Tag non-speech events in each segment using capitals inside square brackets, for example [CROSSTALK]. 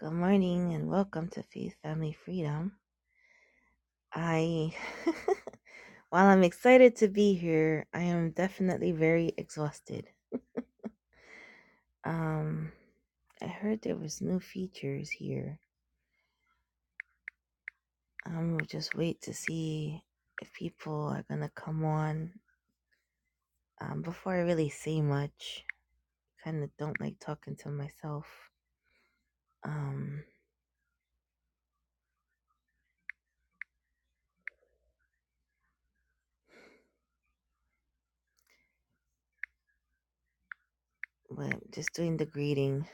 Good morning and welcome to Faith Family Freedom. I, [LAUGHS] while I'm excited to be here, I am definitely very exhausted. Um, I heard there was new features here. Um, we'll just wait to see if people are gonna come on. Um, before I really say much, kind of don't like talking to myself. Um, but just doing the greeting.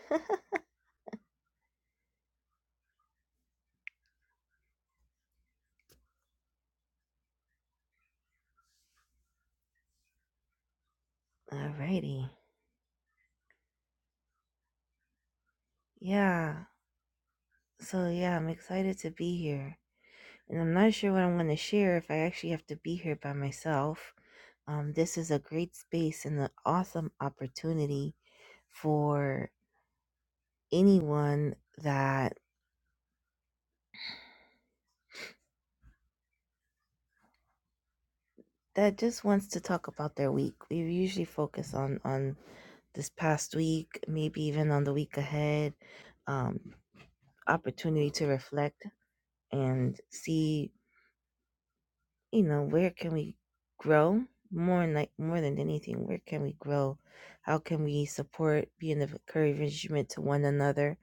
Alrighty, yeah. So yeah, I'm excited to be here. and I'm not sure what I'm going to share if I actually have to be here by myself. Um, this is a great space and an awesome opportunity for anyone that that just wants to talk about their week. We usually focus on on this past week, maybe even on the week ahead. Um, opportunity to reflect and see you know, where can we grow more than like more than anything? Where can we grow? How can we support, be an encouragement to one another?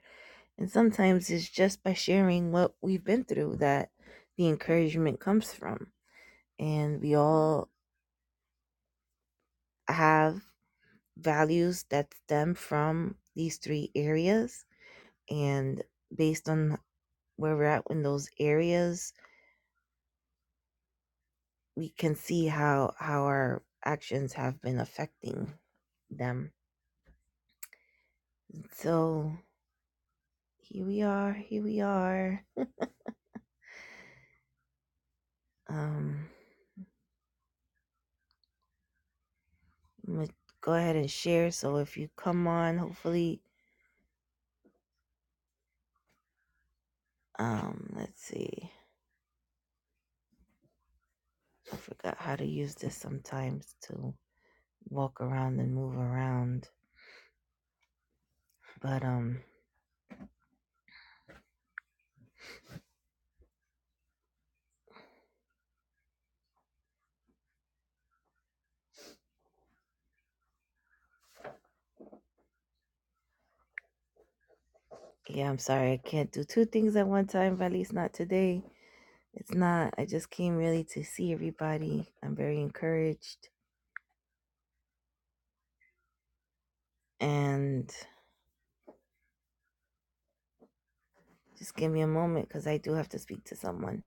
And sometimes it's just by sharing what we've been through that the encouragement comes from. And we all have values that stem from these three areas. And based on where we're at in those areas, we can see how how our actions have been affecting them So here we are, here we are. Um, I'm gonna go ahead and share. So if you come on, hopefully, um, let's see. I forgot how to use this sometimes to walk around and move around. But um, yeah, I'm sorry I can't do two things at one time. but At least not today. It's not. I just came really to see everybody. I'm very encouraged and just give me a moment because I do have to speak to someone.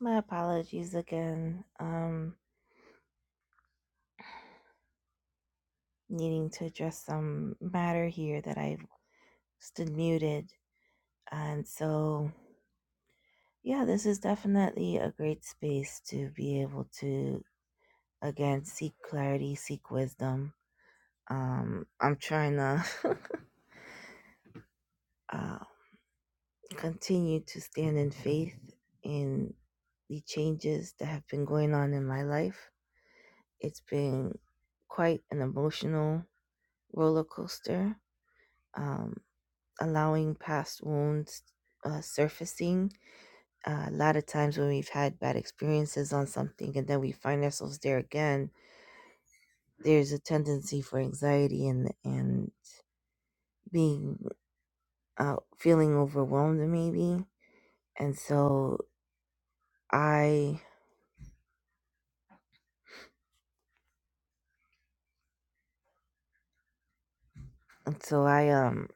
My apologies again. Um, needing to address some matter here that I've stood muted. And so, yeah, this is definitely a great space to be able to, again, seek clarity, seek wisdom. Um, I'm trying to [LAUGHS] uh, continue to stand in faith in the changes that have been going on in my life. It's been quite an emotional roller coaster, um, allowing past wounds uh, surfacing Uh, a lot of times when we've had bad experiences on something and then we find ourselves there again there's a tendency for anxiety and and being uh, feeling overwhelmed maybe and so i and so i um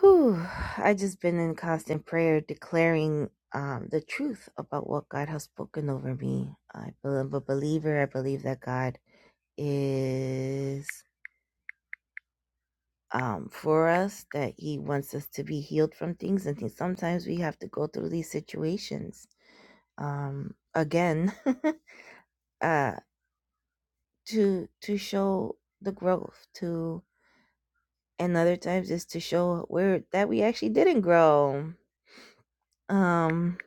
whew, i just been in constant prayer declaring um the truth about what god has spoken over me i am a believer i believe that god is um, for us that he wants us to be healed from things and things sometimes we have to go through these situations um, again [LAUGHS] uh, to to show the growth to and other times is to show where that we actually didn't grow um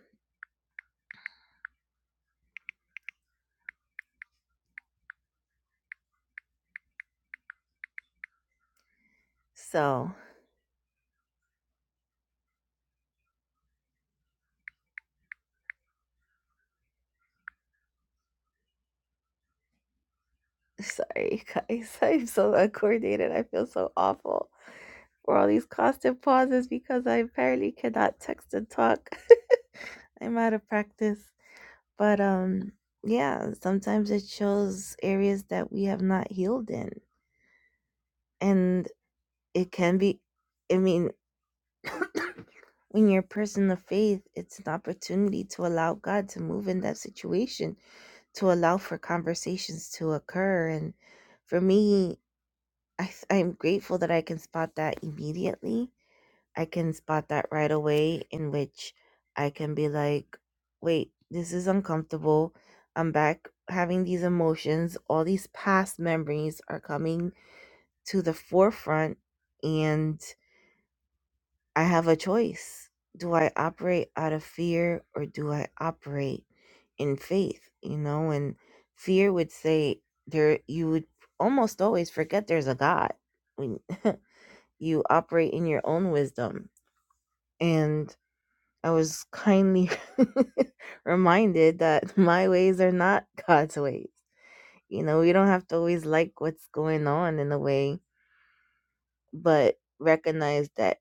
so sorry guys [LAUGHS] i'm so uncoordinated i feel so awful for all these constant pauses because i apparently cannot text and talk [LAUGHS] i'm out of practice But um yeah, sometimes it shows areas that we have not healed in. And it can be I mean [COUGHS] when you're a person of faith, it's an opportunity to allow God to move in that situation, to allow for conversations to occur. And for me, I, th- I'm grateful that I can spot that immediately I can spot that right away, in which I can be like, wait, this is uncomfortable. I'm back having these emotions. All these past memories are coming to the forefront, and I have a choice. Do I operate out of fear or do I operate in faith? You know, and fear would say there, you would almost always forget there's a God when [LAUGHS] you operate in your own wisdom. And I was kindly [LAUGHS] reminded that my ways are not God's ways. You know, we don't have to always like what's going on in a way, but recognize that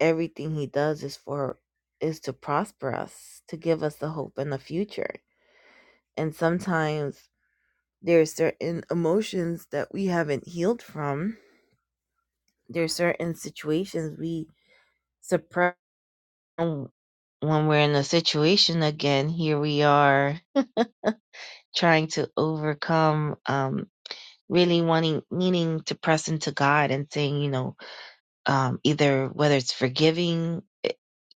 everything he does is for is to prosper us, to give us the hope and the future. And sometimes there are certain emotions that we haven't healed from. There are certain situations we suppress when we're in a situation again. Here we are trying to overcome um really wanting needing to press into god and saying you know um either whether it's forgiving it-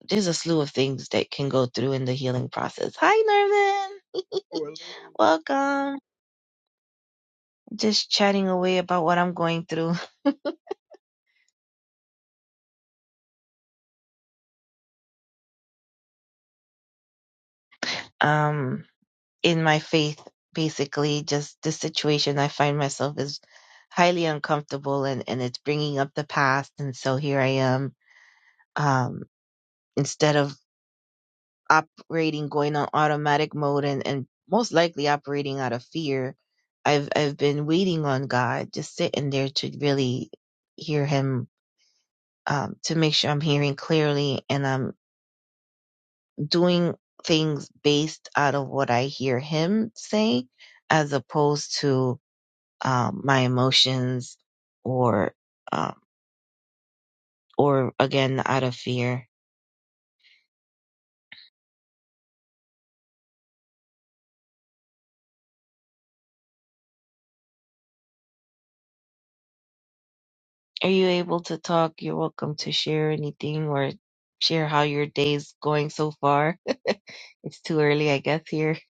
there's a slew of things that can go through in the healing process hi Nervin, Good welcome just chatting away about what i'm going through [LAUGHS] um in my faith basically just the situation i find myself is highly uncomfortable and and it's bringing up the past and so here i am um instead of operating going on automatic mode and, and most likely operating out of fear i've i've been waiting on god just sitting there to really hear him um, to make sure i'm hearing clearly and i'm doing things based out of what i hear him say as opposed to um, my emotions or um, or again out of fear are you able to talk you're welcome to share anything or share how your day's going so far It's too early, I guess, here. [LAUGHS]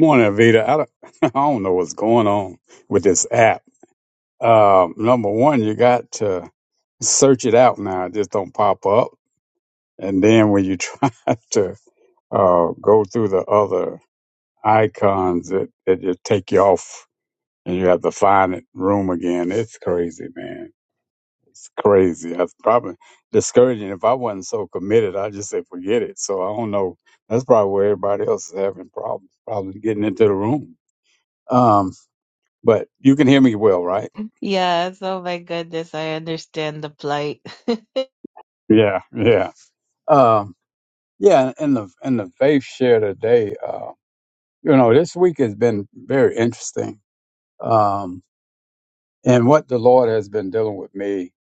morning, Vita. I don't, [LAUGHS] I don't know what's going on with this app. Um, number one, you got to search it out now. It just don't pop up. And then when you [LAUGHS] try to uh, go through the other icons, it, it just take you off and you have to find it room again. It's crazy, man. It's crazy. That's probably discouraging. If I wasn't so committed, I'd just say forget it. So I don't know. That's probably where everybody else is having problems, probably getting into the room. Um, but you can hear me well, right? Yes, oh my goodness, I understand the plight. [LAUGHS] Yeah, yeah. Um, yeah, and the and the faith share today, uh, you know, this week has been very interesting. Um, and what the Lord has been dealing with me,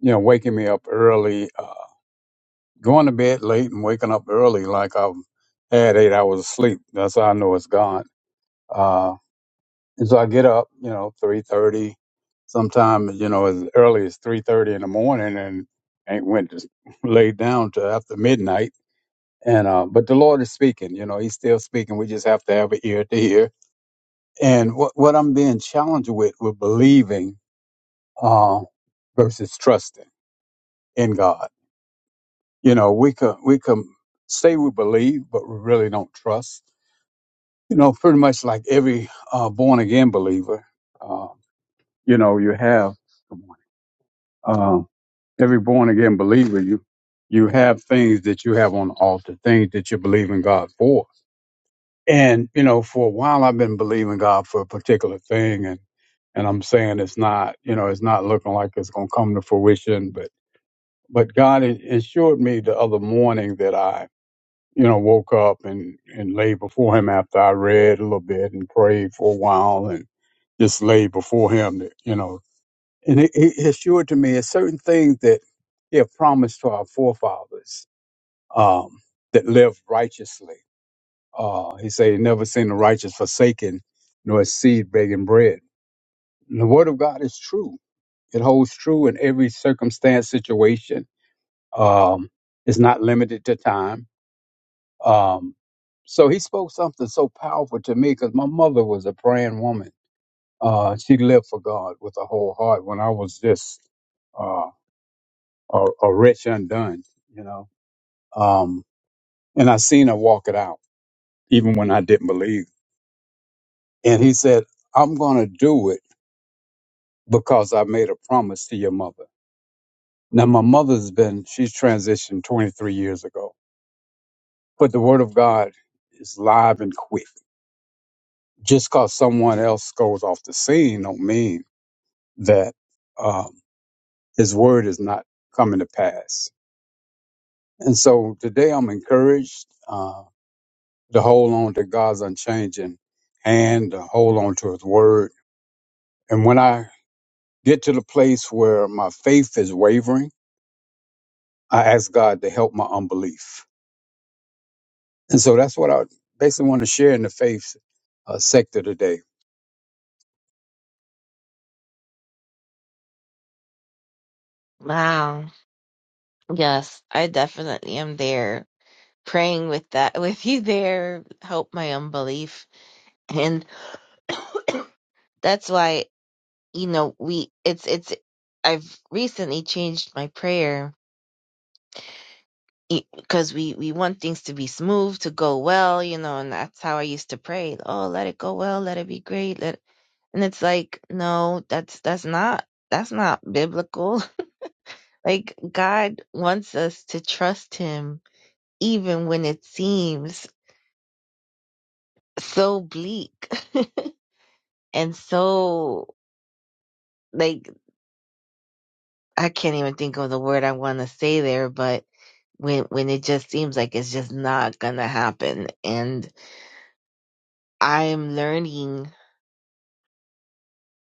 you know, waking me up early, uh, going to bed late and waking up early like I've had eight hours of sleep. That's how I know it's God. And so I get up, you know, three thirty, sometimes you know as early as three thirty in the morning, and ain't went to [LAUGHS] laid down till after midnight. And uh, but the Lord is speaking, you know, He's still speaking. We just have to have an ear to hear. And what what I'm being challenged with, with believing uh, versus trusting in God. You know, we could we could say we believe, but we really don't trust. You know, pretty much like every uh, born again believer, uh, you know, you have. Good morning every born again believer, you you have things that you have on the altar, things that you believe in God for. And you know, for a while I've been believing God for a particular thing, and and I'm saying it's not, you know, it's not looking like it's going to come to fruition. But but God a- assured me the other morning that I, you know, woke up and and lay before Him after I read a little bit and prayed for a while and just lay before Him, that, you know, and it, it assured to me it's certain things that he had promised to our forefathers um, that lived righteously. Uh, he said, he never seen the righteous forsaken, nor his seed begging bread. And the word of God is true. It holds true in every circumstance, situation. Um, it's not limited to time. Um, so he spoke something so powerful to me because my mother was a praying woman. Uh, she lived for God with her whole heart when I was just uh, or, or rich undone, you know. Um, and I seen her walk it out, even when I didn't believe. And he said, I'm going to do it because I made a promise to your mother. Now, my mother's been, she's transitioned 23 years ago, but the word of God is live and quick. Just because someone else goes off the scene don't mean that um, his word is not coming to pass. And so today I'm encouraged. Um, to hold on to God's unchanging hand, to hold on to His word. And when I get to the place where my faith is wavering, I ask God to help my unbelief. And so that's what I basically want to share in the faith uh, sector today. Wow. Yes, I definitely am there praying with that [LAUGHS] with you there. Help my unbelief. And [COUGHS] that's why, you know, we it's it's I've recently changed my prayer because we we want things to be smooth, to go well, you know, and that's how I used to pray. Oh, let it go well, let it be great. Let And it's like, no, that's that's not that's not biblical. [LAUGHS] Like God wants us to trust him even when it seems so bleak [LAUGHS] and so like I can't even think of the word I want to say there, but when when it just seems like it's just not gonna happen and i'm learning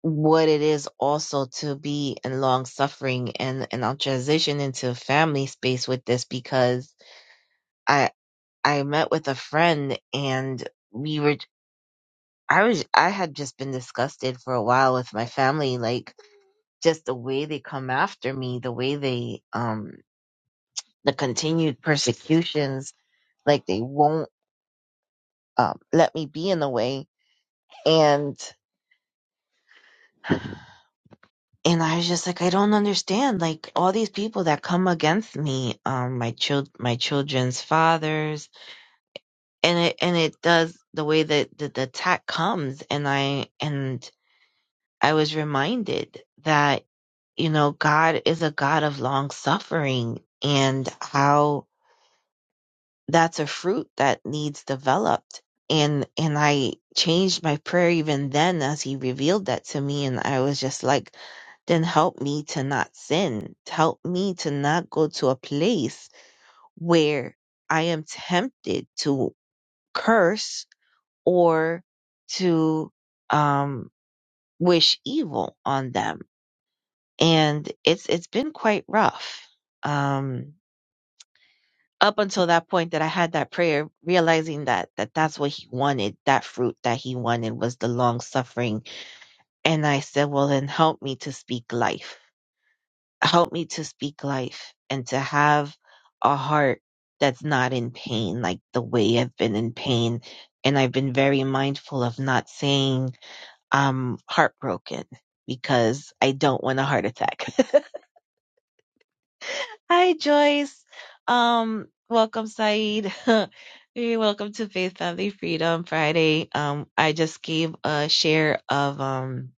what it is also to be in long suffering and and i'll transition into family space with this because I. I met with a friend and we were I was I had just been disgusted for a while with my family, like just the way they come after me, the way they um the continued persecutions, like they won't um let me be in the way. And and I was just like, I don't understand. Like all these people that come against me, um, my child, my children's fathers, and it and it does the way that the, the attack comes, and I and I was reminded that, you know, God is a God of long suffering and how that's a fruit that needs developed. And, and I changed my prayer even then as he revealed that to me. And I was just like, then help me to not sin. Help me to not go to a place where I am tempted to curse or to, um, wish evil on them and it's it's been quite rough um up until that point that I had that prayer realizing that that that's what he wanted that fruit that he wanted was the long suffering and I said well then help me to speak life help me to speak life and to have a heart that's not in pain like the way I've been in pain and I've been very mindful of not saying I'm heartbroken because I don't want a heart attack [LAUGHS] Hi, Joyce. Um, welcome, Saeed. [LAUGHS] Hey, welcome to Faith Family Freedom Friday. Um, I just gave a share of um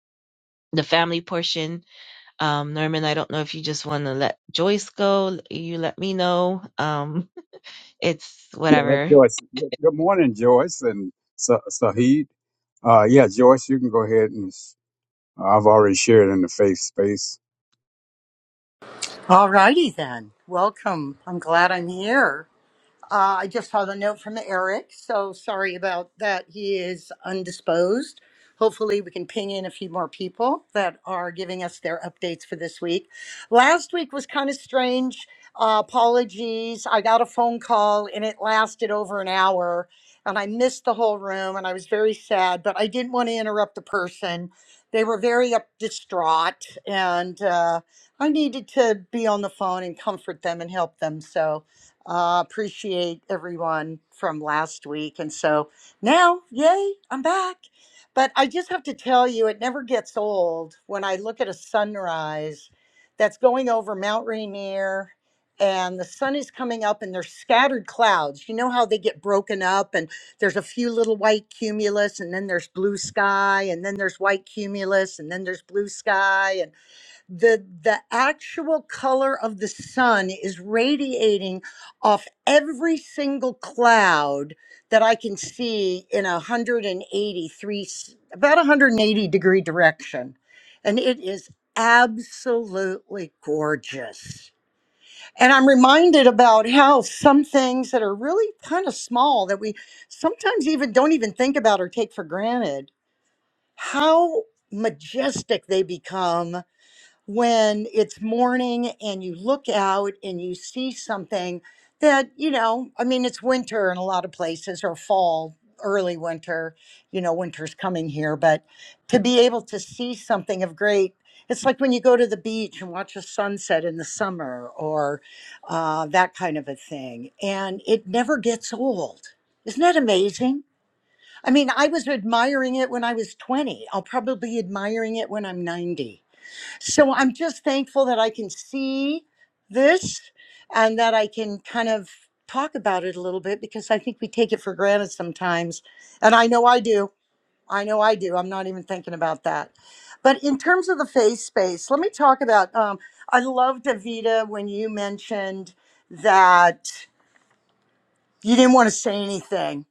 the family portion. Um, Norman, I don't know if you just want to let Joyce go. You let me know. Um, [LAUGHS] it's Yeah, let whatever. Joyce. Good morning, Joyce and Sa- Saheed. Uh, yeah, Joyce, you can go ahead and I've already shared in the faith space. Alrighty then. Welcome. I'm glad I'm here. Uh, I just had a note from Eric, so sorry about that. He is undisposed. Hopefully, we can ping in a few more people that are giving us their updates for this week. Last week was kind of strange. Uh, apologies. I got a phone call and it lasted over an hour, and I missed the whole room, and I was very sad, but I didn't want to interrupt the person. They were very up distraught, and uh, I needed to be on the phone and comfort them and help them. So, uh, appreciate everyone from last week. And so now, yay, I'm back. But I just have to tell you, it never gets old when I look at a sunrise that's going over Mount Rainier and the sun is coming up and there's scattered clouds. You know how they get broken up and there's a few little white cumulus and then there's blue sky and then there's white cumulus and then there's blue sky and the the actual color of the sun is radiating off every single cloud that I can see in a 183 s- about 180 degree direction and it is absolutely gorgeous and I'm reminded about how some things that are really kind of small that we sometimes even don't even think about or take for granted how majestic they become when it's morning and you look out and you see something that, you know, I mean, it's winter in a lot of places or fall, early winter, you know, winter's coming here, but to be able to see something of great. It's like when you go to the beach and watch a sunset in the summer or uh, that kind of a thing. And it never gets old. Isn't that amazing? I mean, I was admiring it when I was 20. I'll probably be admiring it when I'm 90 so I'm just thankful that I can see this and that I can kind of talk about it a little bit because I think we take it for granted sometimes. And I know I do. I know I do. I'm not even thinking about that. But in terms of the face space, let me talk about. Um, I loved Davita when you mentioned that you didn't want to say anything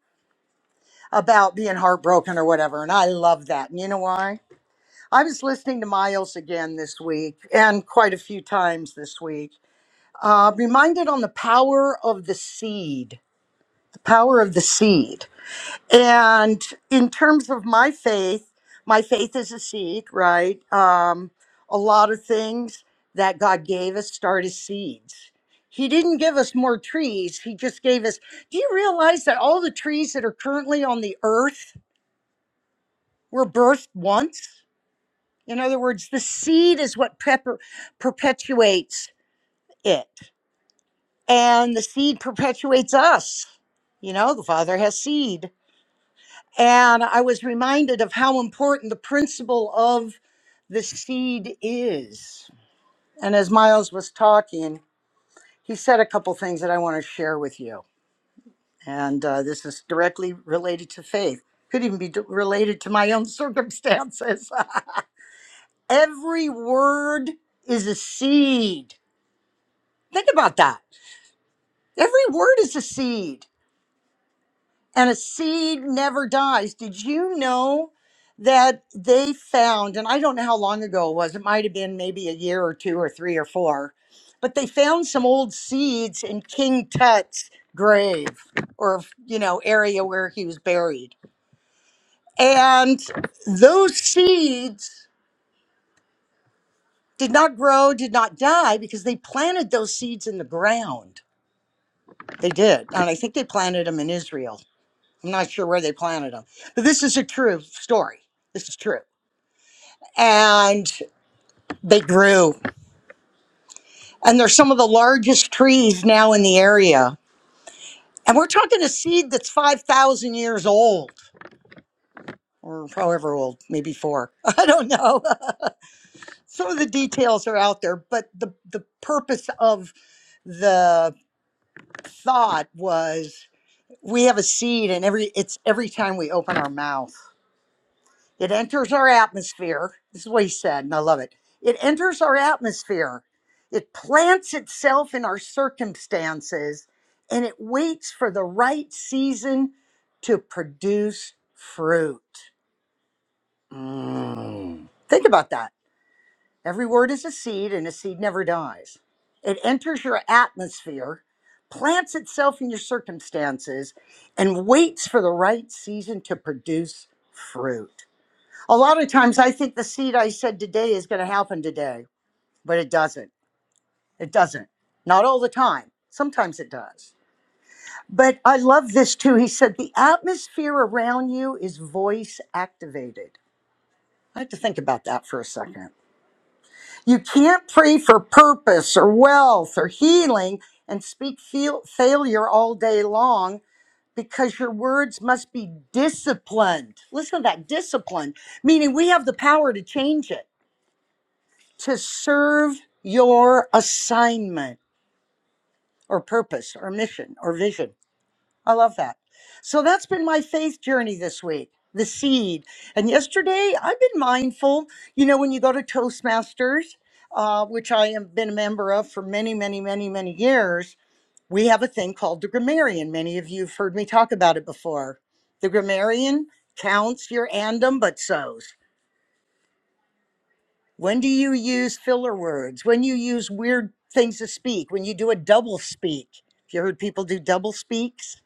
about being heartbroken or whatever. And I love that. And you know why? I was listening to Miles again this week and quite a few times this week. uh, reminded on the power of the seed, the power of the seed. And in terms of my faith, my faith is a seed, right? Um, a lot of things that God gave us start as seeds. He didn't give us more trees. He just gave us. Do you realize that all the trees that are currently on the earth were birthed once? In other words, the seed is what pepper, perpetuates it. and the seed perpetuates us. You know, the Father has seed. And I was reminded of how important the principle of the seed is. And as Miles was talking, he said a couple things that I want to share with you. And uh, this is directly related to faith, could even be d- related to my own circumstances. [LAUGHS] Every word is a seed. Think about that. Every word is a seed. and a seed never dies. Did you know that they found, and I don't know how long ago it was, it might have been maybe a year or two or three or four, but they found some old seeds in King Tut's grave or, you know, area where he was buried. And those seeds did not grow, did not die because they planted those seeds in the ground. They did. And I think they planted them in Israel. I'm not sure where they planted them, but this is a true story. This is true. And they grew, and they're some of the largest trees now in the area. And we're talking a seed that's 5,000 years old, or however old, maybe four. [LAUGHS] I don't know. [LAUGHS] some of the details are out there, but the, the purpose of the thought was we have a seed, and every it's every time we open our mouth. It enters our atmosphere. This is what he said, and I love it. It enters our atmosphere. It plants itself in our circumstances and it waits for the right season to produce fruit. Mm. Think about that. Every word is a seed and a seed never dies. It enters your atmosphere, plants itself in your circumstances, and waits for the right season to produce fruit. A lot of times I think the seed I said today is going to happen today, but it doesn't. It doesn't. Not all the time. Sometimes it does. But I love this too. He said, the atmosphere around you is voice activated. I had to think about that for a second. You can't pray for purpose or wealth or healing and speak feel- failure all day long because your words must be disciplined. Listen to that disciplined, meaning we have the power to change it. to serve your assignment or purpose or mission or vision. I love that. So that's been my faith journey this week, the seed. And yesterday, I've been mindful. You know, when you go to Toastmasters, uh, which I have been a member of for many, many, many, many years, we have a thing called the grammarian. Many of you have heard me talk about it before. The grammarian counts your andum but sows. When do you use filler words? When you use weird things to speak? When you do a double speak? Have you heard people do double speaks?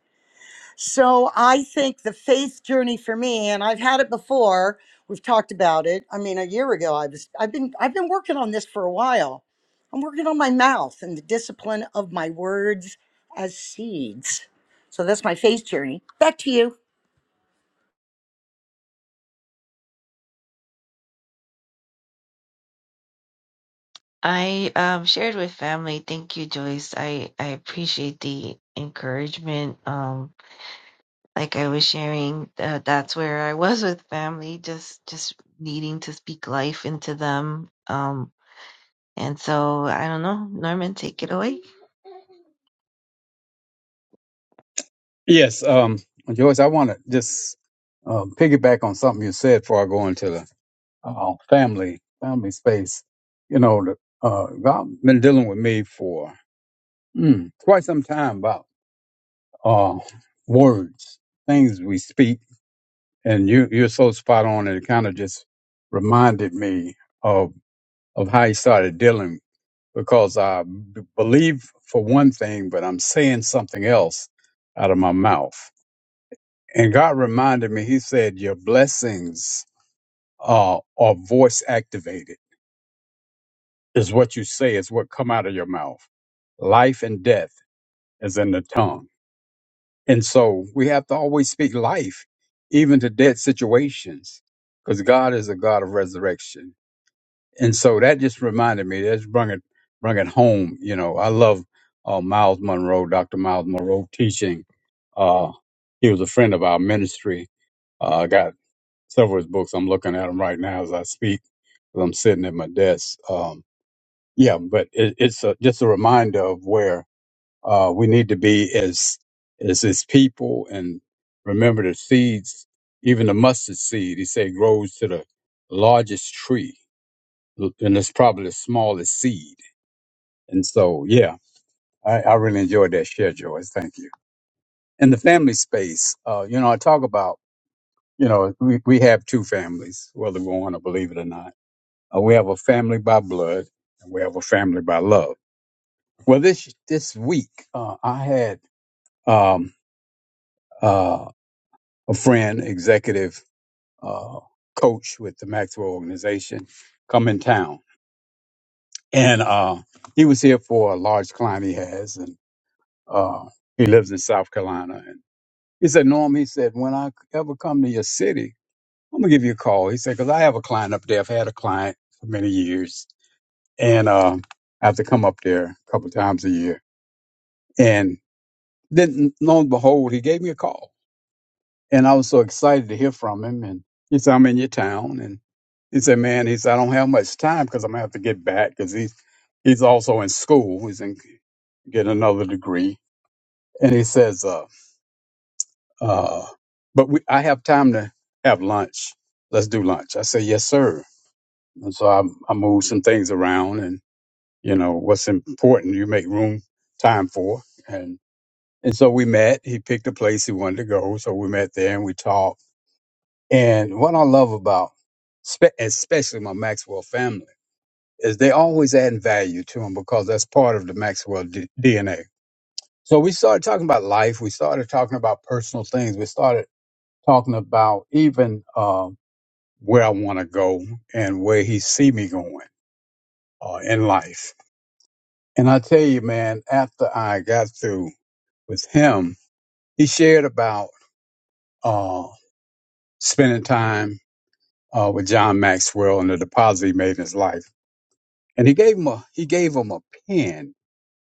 So I think the faith journey for me, and I've had it before. We've talked about it. I mean, a year ago, I was. I've been. I've been working on this for a while. I'm working on my mouth and the discipline of my words as seeds. So that's my faith journey. Back to you. I um shared with family. Thank you, Joyce. I I appreciate the encouragement. Um. like I was sharing, uh, that's where I was with family, just just needing to speak life into them. Um, and so I don't know, Norman, take it away. Yes, um, Joyce, I want to just um, piggyback on something you said before I go into the uh, family, family space. You know, the, uh, God been dealing with me for mm, quite some time about uh, words, things we speak, and you you're so spot on, and it kind of just reminded me of of how he started dealing because I b- believe for one thing, but I'm saying something else out of my mouth. And God reminded me, He said, "Your blessings uh, are voice activated." is what you say, is what come out of your mouth. Life and death is in the tongue. And so we have to always speak life, even to dead situations, because God is a God of resurrection. And so that just reminded me, That's just brung it, brung it home. You know, I love uh, Miles Monroe, Dr. Miles Monroe teaching. Uh, he was a friend of our ministry. Uh, I got several of his books. I'm looking at them right now as I speak, 'cause I'm sitting at my desk. Um, yeah, but it, it's a, just a reminder of where uh, we need to be as as His people, and remember the seeds, even the mustard seed. He said grows to the largest tree, and it's probably the smallest seed. And so, yeah, I, I really enjoyed that share, Joyce. Thank you. In the family space, uh, you know, I talk about, you know, we, we have two families, whether we want to believe it or not. Uh, we have a family by blood, and we have a family by love Well, this this week uh, I had um, uh, a friend, executive uh, coach with the Maxwell organization, come in town, and uh, he was here for a large client he has, and uh, he lives in South Carolina. And he said, "Norm," he said, "when I ever come to your city, I'm gonna give you a call." He said, "Cause I have a client up there. I've had a client for many years, and uh, I have to come up there a couple times a year." And then, lo and behold, he gave me a call And I was so excited to hear from him. And he said, I'm in your town. And he said, man, he said, I don't have much time because I'm going to have to get back because he's, he's also in school. He's in, get another degree. And he says, uh, uh, but we, I have time to have lunch. Let's do lunch. I said, yes, sir. And so I, I moved some things around and, you know, what's important, you make room time for. And, and so we met, he picked a place he wanted to go. So we met there and we talked And what I love about, spe- especially my Maxwell family, is they always adding value to them because that's part of the Maxwell D- DNA. So we started talking about life. We started talking about personal things. We started talking about even uh, where I want to go and where he see me going uh, in life. And I tell you, man, after I got through with him, he shared about uh, spending time uh, with John Maxwell and the deposit he made in his life and he gave him a he gave him a pen.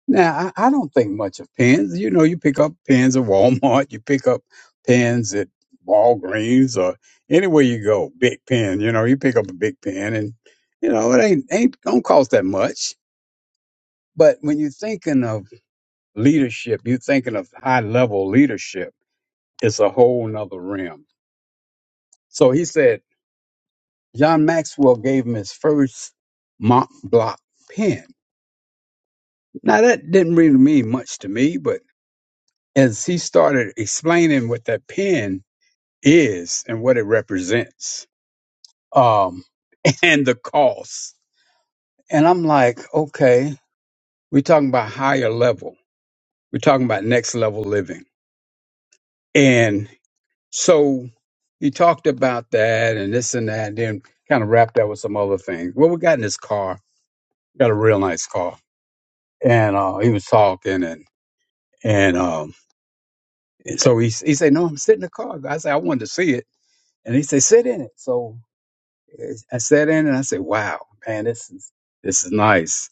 Now I, I don't think much of pens. You know, you pick up pens at Walmart, you pick up pens at Walgreens or anywhere you go, big pen. You know, you pick up a big pen, and you know it ain't ain't don't cost that much. But when you're thinking of leadership, you're thinking of high level leadership. It's a whole nother realm. So he said John Maxwell gave him his first Mont Block pen. Now that didn't really mean much to me, but as he started explaining what that pen is and what it represents um, [LAUGHS] and the cost. And I'm like, okay, we're talking about higher level. We're talking about next level living. And so he talked about that and this and that, and then kind of wrapped that with some other things. Well, we got in his car, got a real nice car. And uh, he was talking and, and, um, and so he, he said, no, I'm sitting in the car. I said, I wanted to see it. And he said, sit in it. So I sat in and I said, "Wow, man, this is this is nice."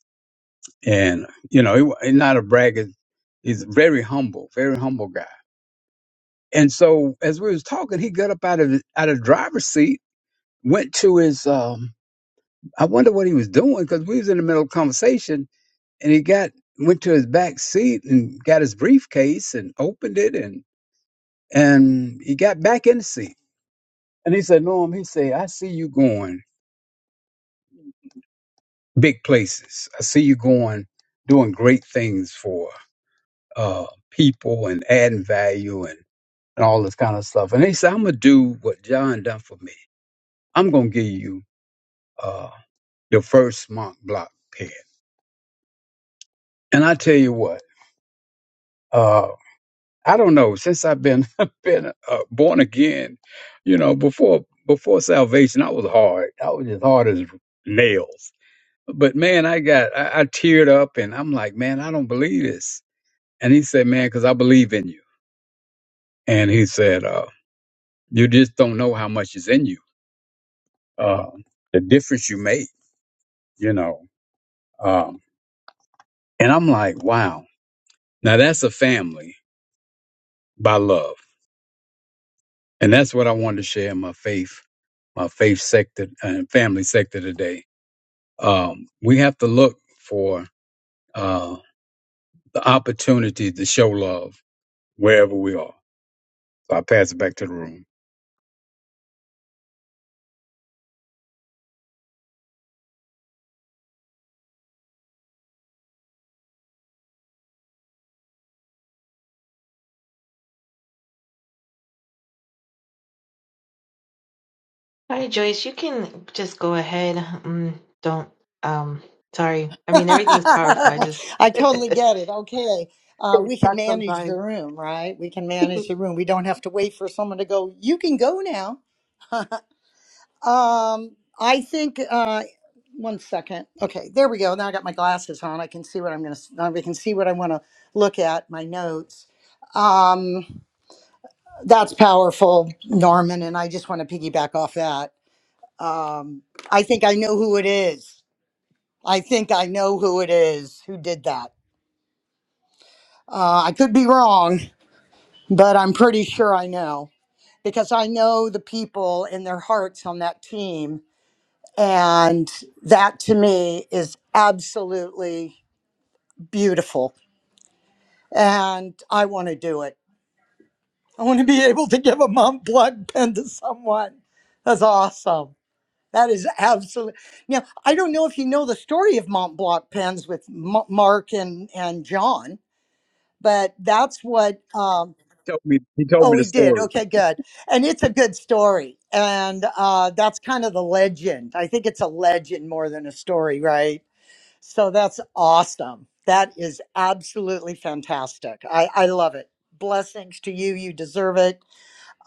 And you know, he, wa- he's not a braggart. He's very humble, very humble guy. And so, as we was talking, he got up out of out of driver's seat, went to his. Um, I wonder what he was doing because we was in the middle of conversation, and he got went to his back seat and got his briefcase and opened it, and and he got back in the seat. And he said, "Norm," he said, "I see you going." big places. I see you going, doing great things for uh, people and adding value and, and all this kind of stuff. And he said, I'm going to do what John done for me. I'm going to give you uh, your first Mont Block pen. And I tell you what, uh, I don't know, since I've been, [LAUGHS] been uh, born again, you know, before before salvation, I was hard. I was as hard as nails. But man, I got, I, I teared up and I'm like, man, I don't believe this And he said, man, because I believe in you. And he said, uh, you just don't know how much is in you, uh, the difference you make, you know. Um, and I'm like, wow. Now that's a family by love. And that's what I wanted to share in my faith, my faith sector and family sector today. Um, we have to look for uh, the opportunity to show love wherever we are. So I pass it back to the room. Hi, Joyce. You can just go ahead. Um, don't. Um, sorry. I [LAUGHS] mean, everything's powerful. I just I [LAUGHS] totally it's get it. Okay. Uh, we can that manage sometimes. the room, right? We can [LAUGHS] manage the room. We don't have to wait for someone to go, you can go now. [LAUGHS] Um, I think, uh, one second. Okay, there we go. Now I got my glasses on. I can see what I'm going to, I can see what I want to look at, my notes. Um, that's powerful, Norman. And I just want to piggyback off that. Um, I think I know who it is. I think I know who it is who did that Uh, I could be wrong, but I'm pretty sure I know because I know the people in their hearts on that team. And that to me is absolutely beautiful. And I want to do it. I want to be able to give a Montblanc pen to someone. That's awesome. That is absolutely. Now, I don't know if you know the story of Montblanc pens with M- Mark and, and John, but that's what um, He told me, he told Oh, me the we did. story. Okay, good. And it's a good story. And uh, that's kind of the legend. I think it's a legend more than a story, right? So that's awesome. That is absolutely fantastic. I, I love it. Blessings to you. You deserve it.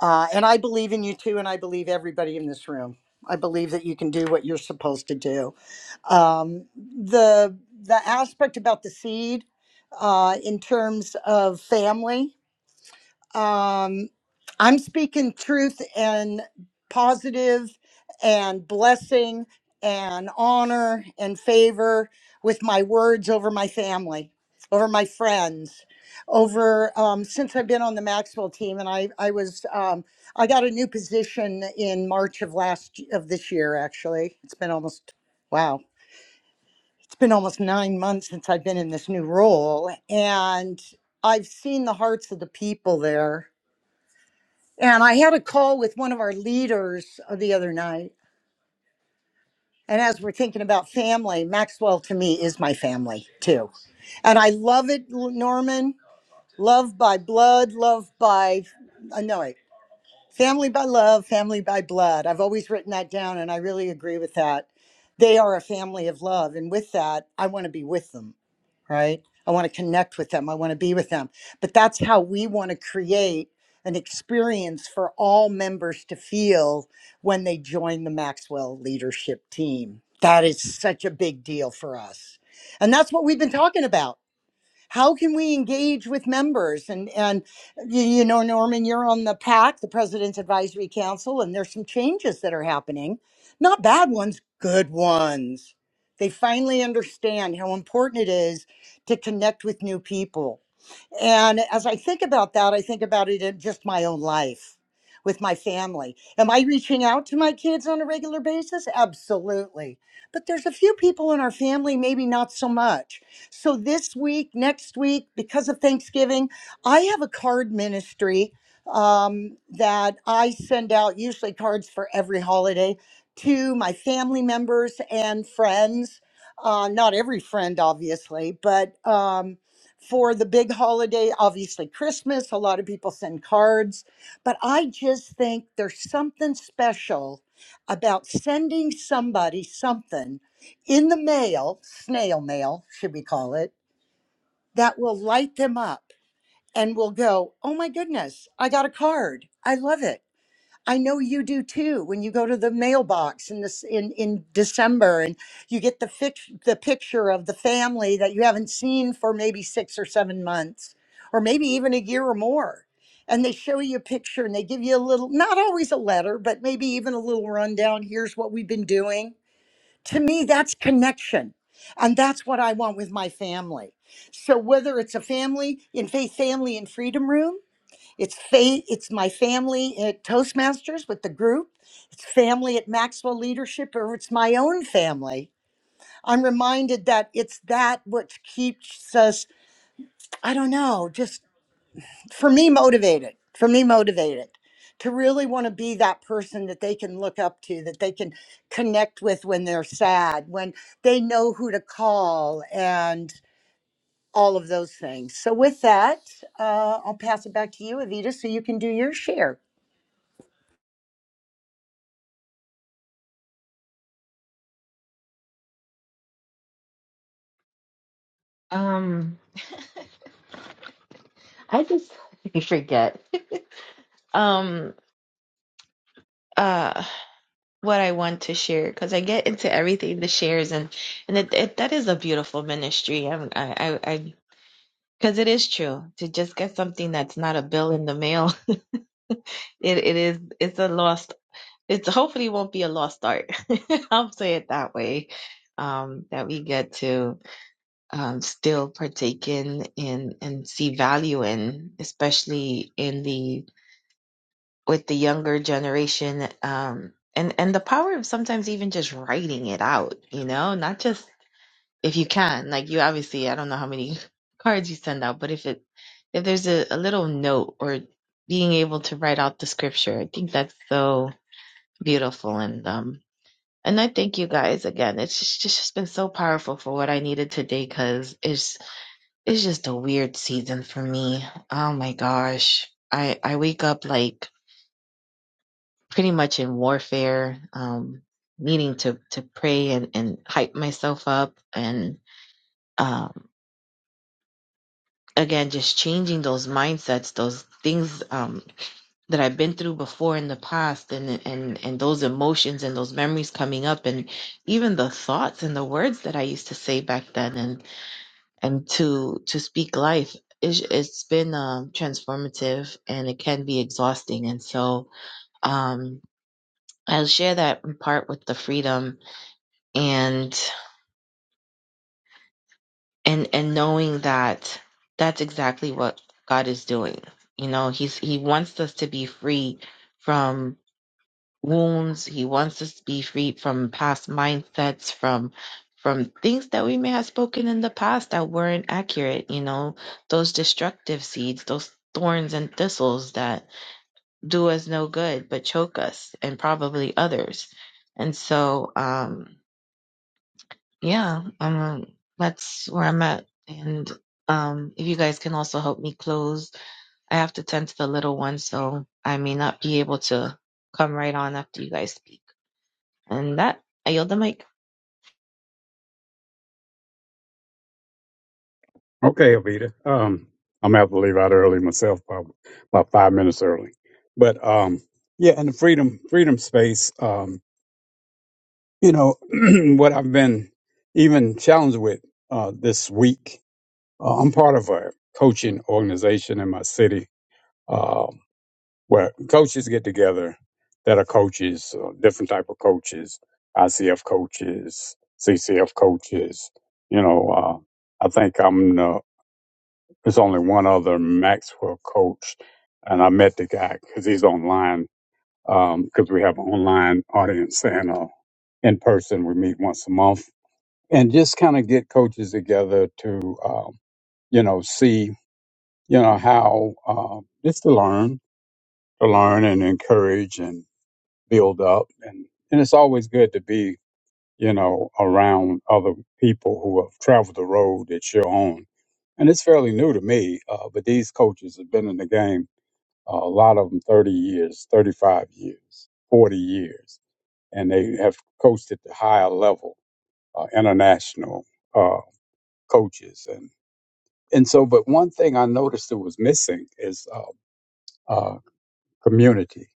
Uh, and I believe in you too. And I believe everybody in this room. I believe that you can do what you're supposed to do. Um, the the aspect about the seed uh, in terms of family um, I'm speaking truth and positive and blessing and honor and favor with my words over my family, over my friends, over um, since I've been on the Maxwell team, and I I was um, I got a new position in March of last of this year. Actually, it's been almost wow, it's been almost nine months since I've been in this new role, and I've seen the hearts of the people there and I had a call with one of our leaders uh, the other night. And as we're thinking about family, Maxwell to me is my family too. And I love it, L- Norman. Love by blood, love by, uh, no, wait. Family by love, family by blood. I've always written that down, and I really agree with that. They are a family of love. And with that, I want to be with them, right? I want to connect with them. I want to be with them. But that's how we want to create an experience for all members to feel when they join the Maxwell leadership team. That is such a big deal for us. And that's what we've been talking about how can we engage with members and and you, know norman you're on the pac the president's advisory council and there's some changes that are happening not bad ones good ones they finally understand how important it is to connect with new people and as I think about that, I think about it in just my own life with my family. Am I reaching out to my kids on a regular basis? Absolutely. But there's a few people in our family, maybe not so much. So this week, next week, because of Thanksgiving, I have a card ministry um, that I send out usually cards for every holiday to my family members and friends. Uh, not every friend, obviously, but. Um, for the big holiday, obviously Christmas. A lot of people send cards, but I just think there's something special about sending somebody something in the mail, snail mail, should we call it, that will light them up and will go, Oh my goodness, I got a card. I love it. I know you do too. When you go to the mailbox in this in in December, and you get the fix, the picture of the family that you haven't seen for maybe six or seven months, or maybe even a year or more, and they show you a picture and they give you a little, not always a letter, but maybe even a little rundown. Here's what we've been doing. To me, that's connection, and that's what I want with my family. So whether it's a family in faith, family and freedom room it's fa- it's my family at Toastmasters with the group. It's family at Maxwell Leadership, or it's my own family. I'm reminded that it's that which keeps us, I don't know, just for me motivated, for me motivated to really want to be that person that they can look up to, that they can connect with when they're sad, when they know who to call, and all of those things. So, with that, uh, I'll pass it back to you, Evita, so you can do your share. um, I just [LAUGHS] forget. Um, uh, what I want to share because I get into everything the shares and and it, it, that is a beautiful ministry. I'm, I, I Because it is true to just get something that's not a bill in the mail. [LAUGHS] It it is it's a lost. It's hopefully won't be a lost art. [LAUGHS] I'll say it that way. Um, that we get to um, still partake in and and see value in, especially in the with the younger generation. Um, and and the power of sometimes even just writing it out. You know, not just if you can like you obviously i don't know how many [LAUGHS] cards you send out but if it if there's a, a little note or being able to write out the scripture i think that's so beautiful and um and i thank you guys again it's just, it's just been so powerful for what i needed today because it's it's just a weird season for me oh my gosh i i wake up like pretty much in warfare um needing to to pray and and hype myself up and um, again just changing those mindsets those things um that I've been through before in the past and and and those emotions and those memories coming up and even the thoughts and the words that I used to say back then and and to to speak life it's, it's been um transformative and it can be exhausting and so um I'll share that in part with the freedom and. and and knowing that that's exactly what God is doing. You know, he's he wants us to be free from wounds. He wants us to be free from past mindsets, from from things that we may have spoken in the past that weren't accurate, you know, those destructive seeds, those thorns and thistles that do us no good but choke us and probably others. And so um yeah, I'm um, that's where I'm at. And um, if you guys can also help me close, I have to tend to the little one, so I may not be able to come right on after you guys speak. And that, I yield the mic. Okay, Avita. Um, I'm gonna have to leave out early myself, probably about five minutes early. But um, yeah, in the freedom freedom space, um, you know, [CLEARS THROAT] what I've been even challenged with uh, this week. Uh, I'm part of a coaching organization in my city uh, where coaches get together that are coaches, uh, different type of coaches, ICF coaches, CCF coaches. You know, uh, I think I'm the There's only one other Maxwell coach, and I met the guy because he's online. Because we have an online audience and uh, in person, we meet once a month and just kind of get coaches together to, um, you know, see, you know, how uh, just to learn, to learn and encourage and build up. And, and it's always good to be, you know, around other people who have traveled the road that you're on and it's fairly new to me. Uh, but these coaches have been in the game a lot of them 30 years, 35 years, 40 years, and they have coached at the higher level, uh, international uh, coaches. And, and so, but one thing I noticed that was missing is uh, uh, community.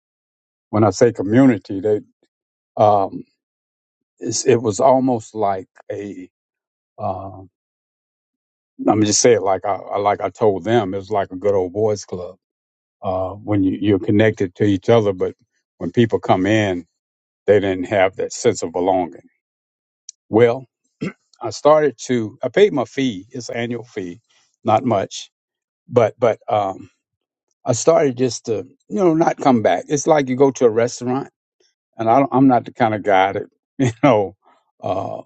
When I say community, they, um, it's, it was almost like a, uh, let me just say it like I, I- like I told them, it was like a good old boys club. Uh, when you, you're connected to each other, but when people come in, they didn't have that sense of belonging Well, I started to. I paid my fee. It's an annual fee, not much, but but um, I started just to you know not come back. It's like you go to a restaurant, and I don't, I'm not the kind of guy that [LAUGHS] you know uh,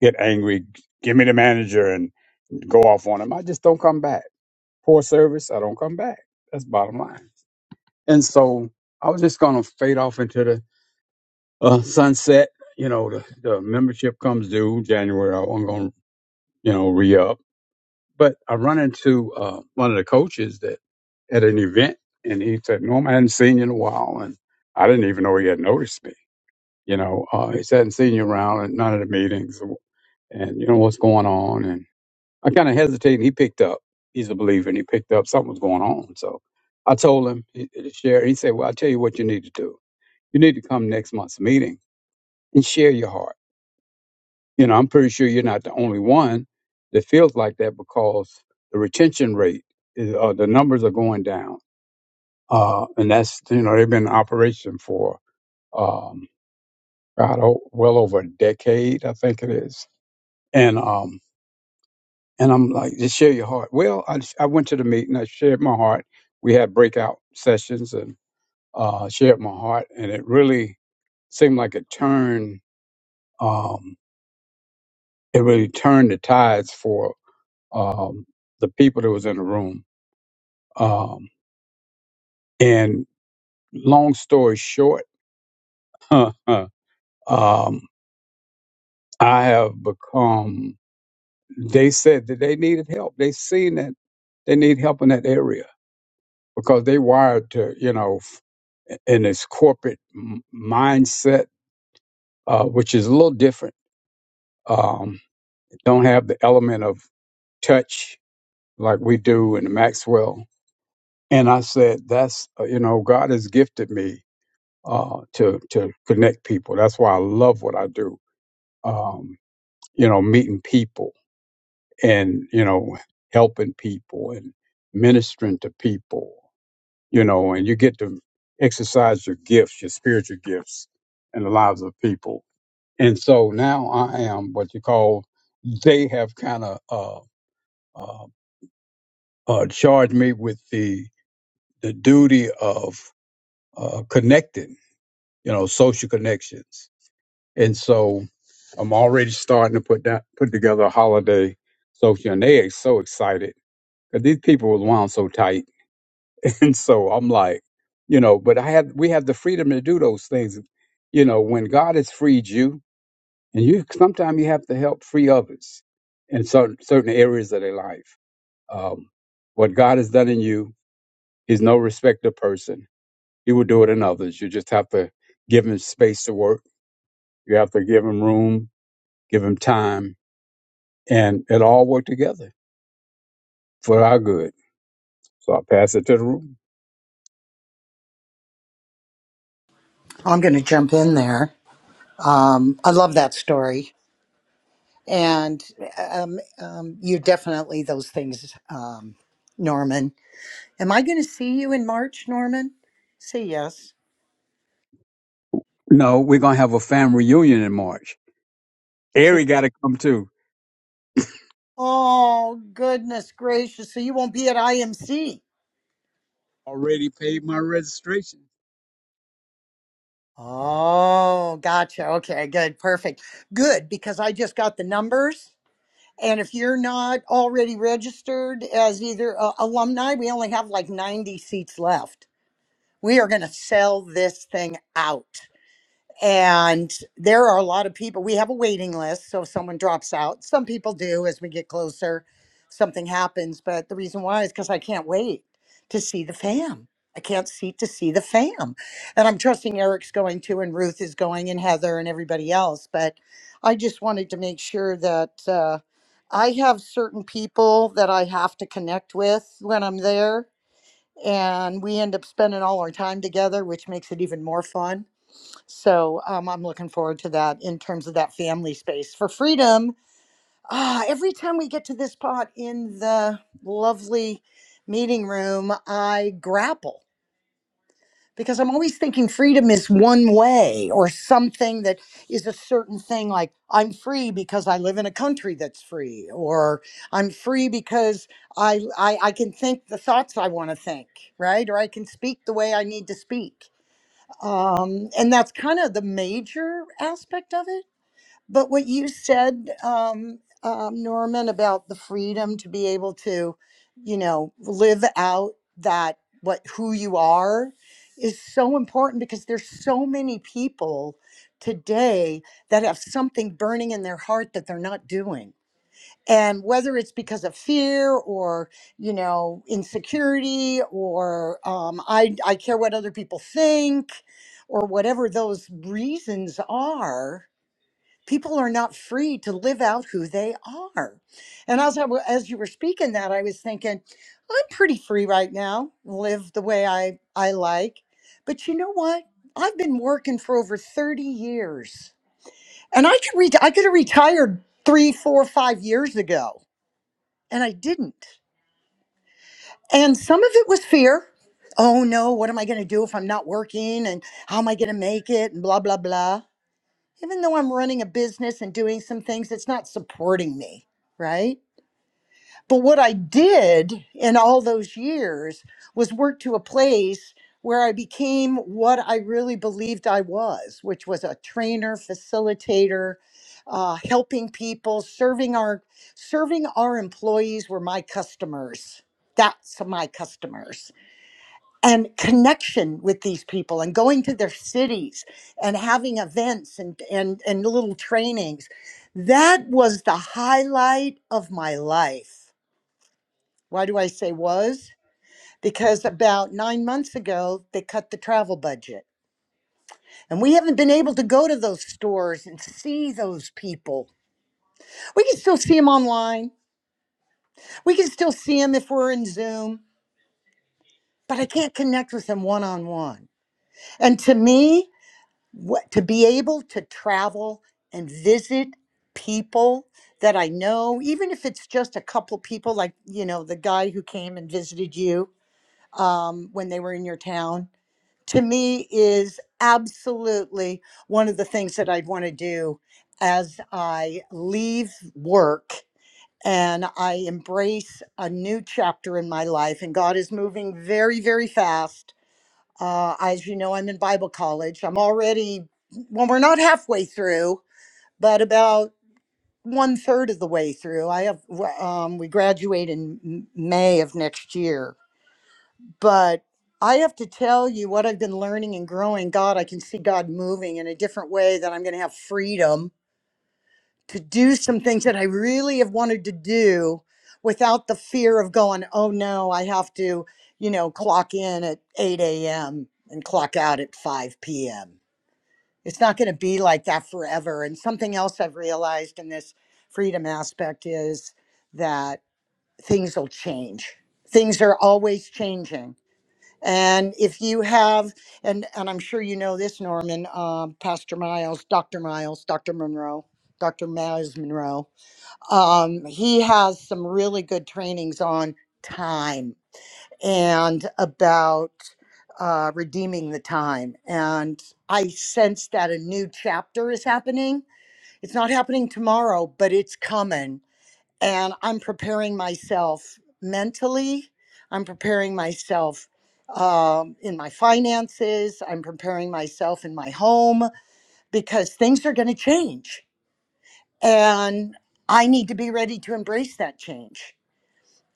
get angry. Give me the manager and go off on him. I just don't come back. Poor service. I don't come back. That's bottom line. And so I was just gonna fade off into the uh, sunset. You know, the, the membership comes due January. I'm gonna you know re up But I run into uh, one of the coaches that at an event, and he said, "Norm, I hadn't seen you in a while," and I didn't even know he had noticed me. You know, uh, he said, "I "Hadn't seen you around at none of the meetings, and you know what's going on." And I kind of hesitated. and He picked up. He's a believer, and he picked up something was going on. So I told him he- to share. He said, "Well, I'll tell you what you need to do. You need to come next month's meeting and share your heart." You know, I'm pretty sure you're not the only one that feels like that because the retention rate is, uh, the numbers are going down. Uh, and that's, you know, they've been in operation for, um, God, oh, well over a decade, I think it is. And, um, and I'm like, just share your heart. Well, I, I went to the meeting, I shared my heart. We had breakout sessions and, uh, shared my heart and it really seemed like it turned, um, it really turned the tides for um, the people that was in the room. Um, and long story short, [LAUGHS] um, I have become. They said that they needed help. They seen that they need help in that area because they wired to you know f- in this corporate m- mindset, uh, which is a little different. Um, don't have the element of touch like we do in Maxwell. And I said, that's uh, you know, God has gifted me uh, to to connect people. That's why I love what I do. Um, you know, meeting people and you know helping people and ministering to people. You know, and you get to exercise your gifts, your spiritual gifts, in the lives of people. And so now I am what you call. They have kind of uh, uh, uh, charged me with the the duty of uh, connecting. You know, social connections And so I'm already starting to put that put together a holiday social, and they are so excited because these people were wound so tight. [LAUGHS] And so I'm like, you know, but I had we have the freedom to do those things, you know, when God has freed you, and you sometimes you have to help free others in certain certain areas of their life. Um, what God has done in you, He's no respecter of person. He will do it in others. You just have to give Him space to work. You have to give Him room, give Him time and it all worked together for our good. So I pass it to the room. I'm going to jump in there. Um, I love that story. And um, um, you're definitely those things, um, Norman. Am I going to see you in March, Norman? Say yes. No, we're gonna have a family reunion in March. So, Ari got to come too. oh, goodness gracious. So you won't be at IMC. Already paid my registration. Oh, gotcha. Okay, good. Perfect. Good, because I just got the numbers. And if you're not already registered as either uh, alumni, we only have like 90 seats left. we are going to sell this thing out. And there are a lot of people. We have a waiting list. So if someone drops out, some people do as we get closer, something happens. But the reason why is because I can't wait to see the fam. I can't see to see the fam. And I'm trusting Eric's going to, and Ruth is going, and Heather, and everybody else. But I just wanted to make sure that uh, I have certain people that I have to connect with when I'm there and we end up spending all our time together, which makes it even more fun. So um, I'm looking forward to that in terms of that family space. For freedom, ah, every time we get to this part in the lovely meeting room, I grapple because I'm always thinking freedom is one way or something that is a certain thing. Like I'm free because I live in a country that's free, or I'm free because I I, I can think the thoughts I want to think, right? Or I can speak the way I need to speak. Um, and that's kind of the major aspect of it but what you said, um, um, Norman, about the freedom to be able to, you know, live out that what who you are is so important because there's so many people today that have something burning in their heart that they're not doing. And whether it's because of fear or, you know, insecurity or um, I, I care what other people think or whatever those reasons are, people are not free to live out who they are. And as I, wa- as you were speaking that, I was thinking, I'm pretty free right now, live the way I I like. But you know what? I've been working for over 30 years, and I could re- I could have retired three, four, five years ago, and I didn't. And some of it was fear. Oh no, what am I going to do if I'm not working? And how am I going to make it? And blah blah blah. even though I'm running a business and doing some things, it's not supporting me, right? But what I did in all those years was work to a place where I became what I really believed I was, which was a trainer, facilitator, uh, helping people, serving our serving our employees were my customers. That's my customers and connection with these people and going to their cities and having events and, and, and little trainings. That was the highlight of my life. Why do I say was? Because about nine months ago, they cut the travel budget. And we haven't been able to go to those stores and see those people. We can still see them online. We can still see them if we're in Zoom, but I can't connect with them one on one. And to me, what to be able to travel and visit people that I know, even if it's just a couple people, like you know the guy who came and visited you um, when they were in your town, to me is absolutely one of the things that I'd want to do as I leave work and I embrace a new chapter in my life. And God is moving very, very fast uh, as you know, I'm in Bible college. I'm already, well, we're not halfway through, but about one third of the way through. I have, um, we graduate in M- May of next year. But I have to tell you what I've been learning and growing. God, I can see God moving in a different way that I'm going to have freedom to do some things that I really have wanted to do without the fear of going, oh no, I have to you know, clock in at 8 a.m. and clock out at 5 p.m. it's not going to be like that forever. And something else I've realized in this freedom aspect is that things will change. Things are always changing. And if you have, and, and I'm sure you know this, Norman, um, Pastor Miles, Dr. Miles, Dr. Monroe, Dr. Miles Monroe, um, he has some really good trainings on time and about uh, redeeming the time. And I sense that a new chapter is happening. It's not happening tomorrow, but it's coming. And I'm preparing myself mentally, I'm preparing myself um, in my finances, I'm preparing myself in my home because things are going to change. And I need to be ready to embrace that change.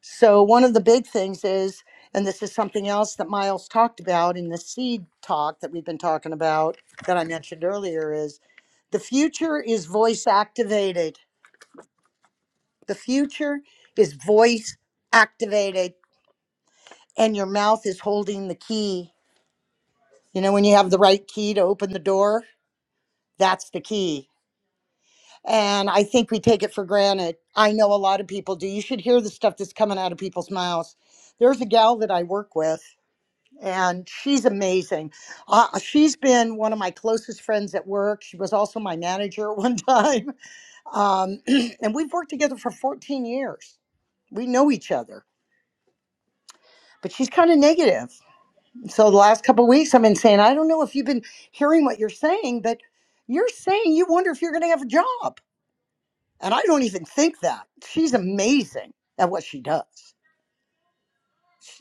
So, one of the big things is, and this is something else that Miles talked about in the seed talk that we've been talking about that I mentioned earlier, is the future is voice activated. The future is voice activated, and your mouth is holding the key. You know, when you have the right key to open the door, that's the key. And I think we take it for granted. I know a lot of people do. You should hear the stuff that's coming out of people's mouths. There's a gal that I work with and she's amazing. Uh, she's been one of my closest friends at work. She was also my manager [LAUGHS] at one time. Um, [CLEARS THROAT] and we've worked together for 14 years. We know each other, but she's kind of negative. So the last couple of weeks, I've been saying, I don't know if you've been hearing what you're saying, but you're saying you wonder if you're going to have a job. And I don't even think that. She's amazing at what she does.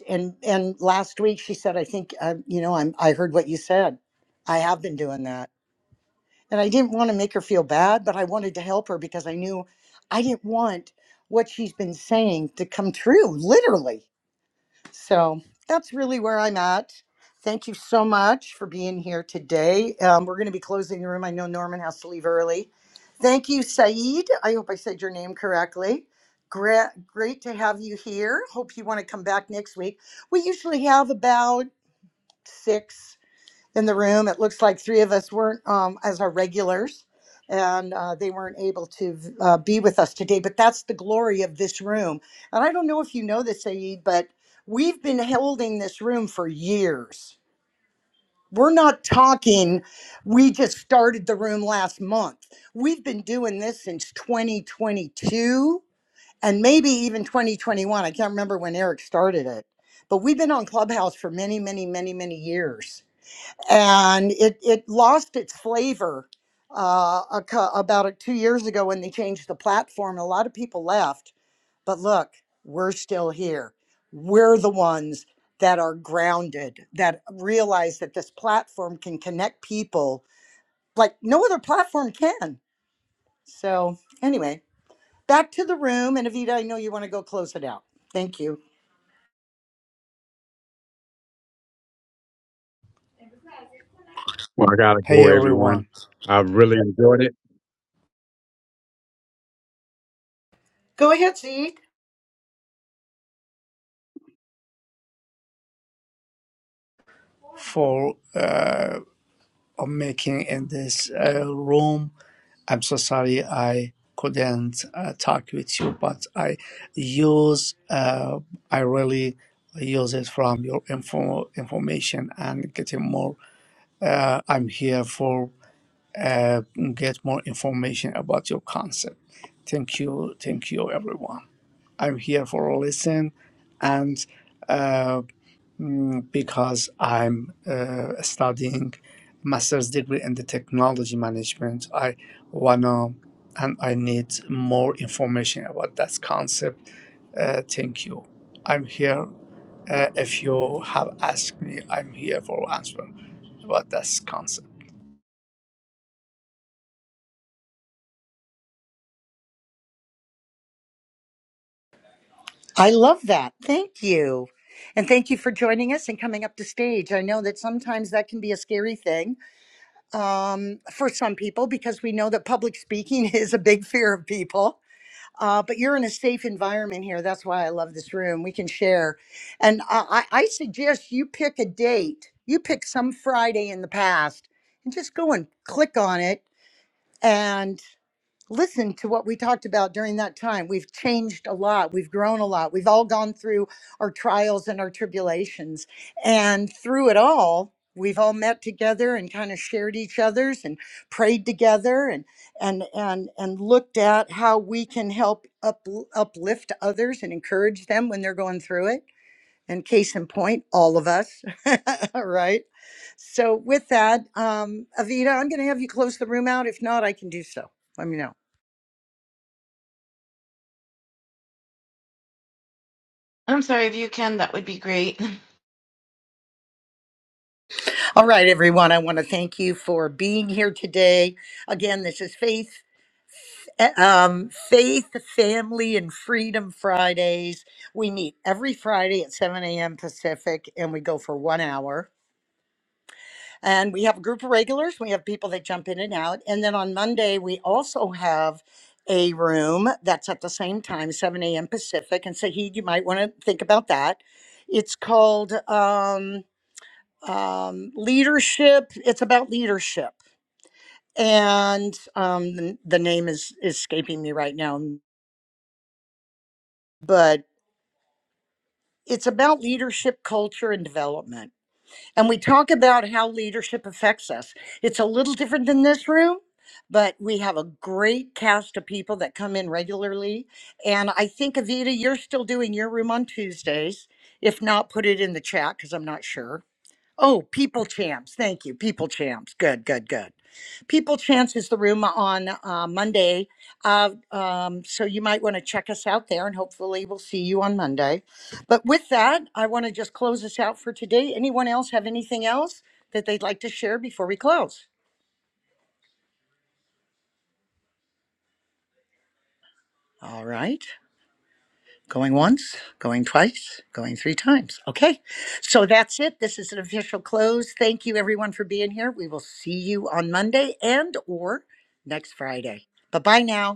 And and last week she said, I think uh, you know, I'm I heard what you said. I have been doing that And I didn't want to make her feel bad, but I wanted to help her because I knew I didn't want what she's been saying to come true, literally. So that's really where I'm at. Thank you so much for being here today. Um, we're going to be closing the room. I know Norman has to leave early. Thank you, Saeed. I hope I said your name correctly. Great, great to have you here. Hope you want to come back next week. We usually have about six in the room. It looks like three of us weren't um, as our regulars, and uh, they weren't able to uh, be with us today. But that's the glory of this room. And I don't know if you know this, Saeed, but we've been holding this room for years. We're not talking, we just started the room last month. We've been doing this since 2022 and maybe even 2021. I can't remember when Eric started it, but we've been on Clubhouse for many, many, many, many years and it it lost its flavor uh, a, cou- about uh two years ago when they changed the platform. A lot of people left, but look, we're still here. We're the ones that are grounded that realize that this platform can connect people like no other platform can. So anyway, back to the room, and Avita, I know you want to go close it out. Thank you. Well, I gotta Hey go, everyone. everyone, I really enjoyed it. Go ahead, Z. for uh, making in this uh, room. I'm so sorry I couldn't uh, talk with you, but I use uh, I really use it from your info information and getting more. Uh, I'm here for uh, get more information about your concept. Thank you, thank you everyone. I'm here for listen and. Uh, mm, because I'm uh, studying master's degree in the technology management. I wanna and I need more information about that concept. Uh, thank you. I'm here. Uh, if you have asked me, I'm here for answer about that concept. I love that. Thank you. And thank you for joining us and coming up to stage. I know that sometimes that can be a scary thing um, for some people because we know that public speaking [LAUGHS] is a big fear of people. Uh, but you're in a safe environment here. That's why I love this room. We can share. And I, I I suggest you pick a date. You pick some Friday in the past and just go and click on it listen to what we talked about during that time. We've changed a lot. We've grown a lot. We've all gone through our trials and our tribulations. And through it all, we've all met together and kind of shared each other's and prayed together and and and and looked at how we can help up, uplift others and encourage them when they're going through it. And case in point, all of us, [LAUGHS] right? So with that, um, Avita, I'm going to have you close the room out. If not, I can do so. Let me know. I'm sorry if you can, that would be great. [LAUGHS] All right, everyone. I want to thank you for being here today. Again, this is Faith, eh, um, Faith, Family, and Freedom Fridays. We meet every Friday at 7 a.m. Pacific, and we go for one hour. And we have a group of regulars. We have people that jump in and out. And then on Monday, we also have a room that's at the same time, 7 a.m. Pacific. And Saheed, you might want to think about that. It's called. Um, um, leadership. It's about leadership and um, the, the name is is escaping me right now but it's about leadership culture and development and we talk about how leadership affects us it's a little different than this room but we have a great cast of people that come in regularly and i think avita you're still doing your room on tuesdays if not put it in the chat because i'm not sure Oh, People Champs. Thank you. People Champs. Good, good, good. People Champs is the room on uh, Monday. Uh, um, so you might want to check us out there and hopefully we'll see you on Monday. But with that, I want to just close us out for today. Anyone else have anything else that they'd like to share before we close? All right. Going once, going twice, going three times. Okay. So that's it. This is an official close. Thank you everyone for being here. We will see you on Monday and or next Friday. Bye-bye now.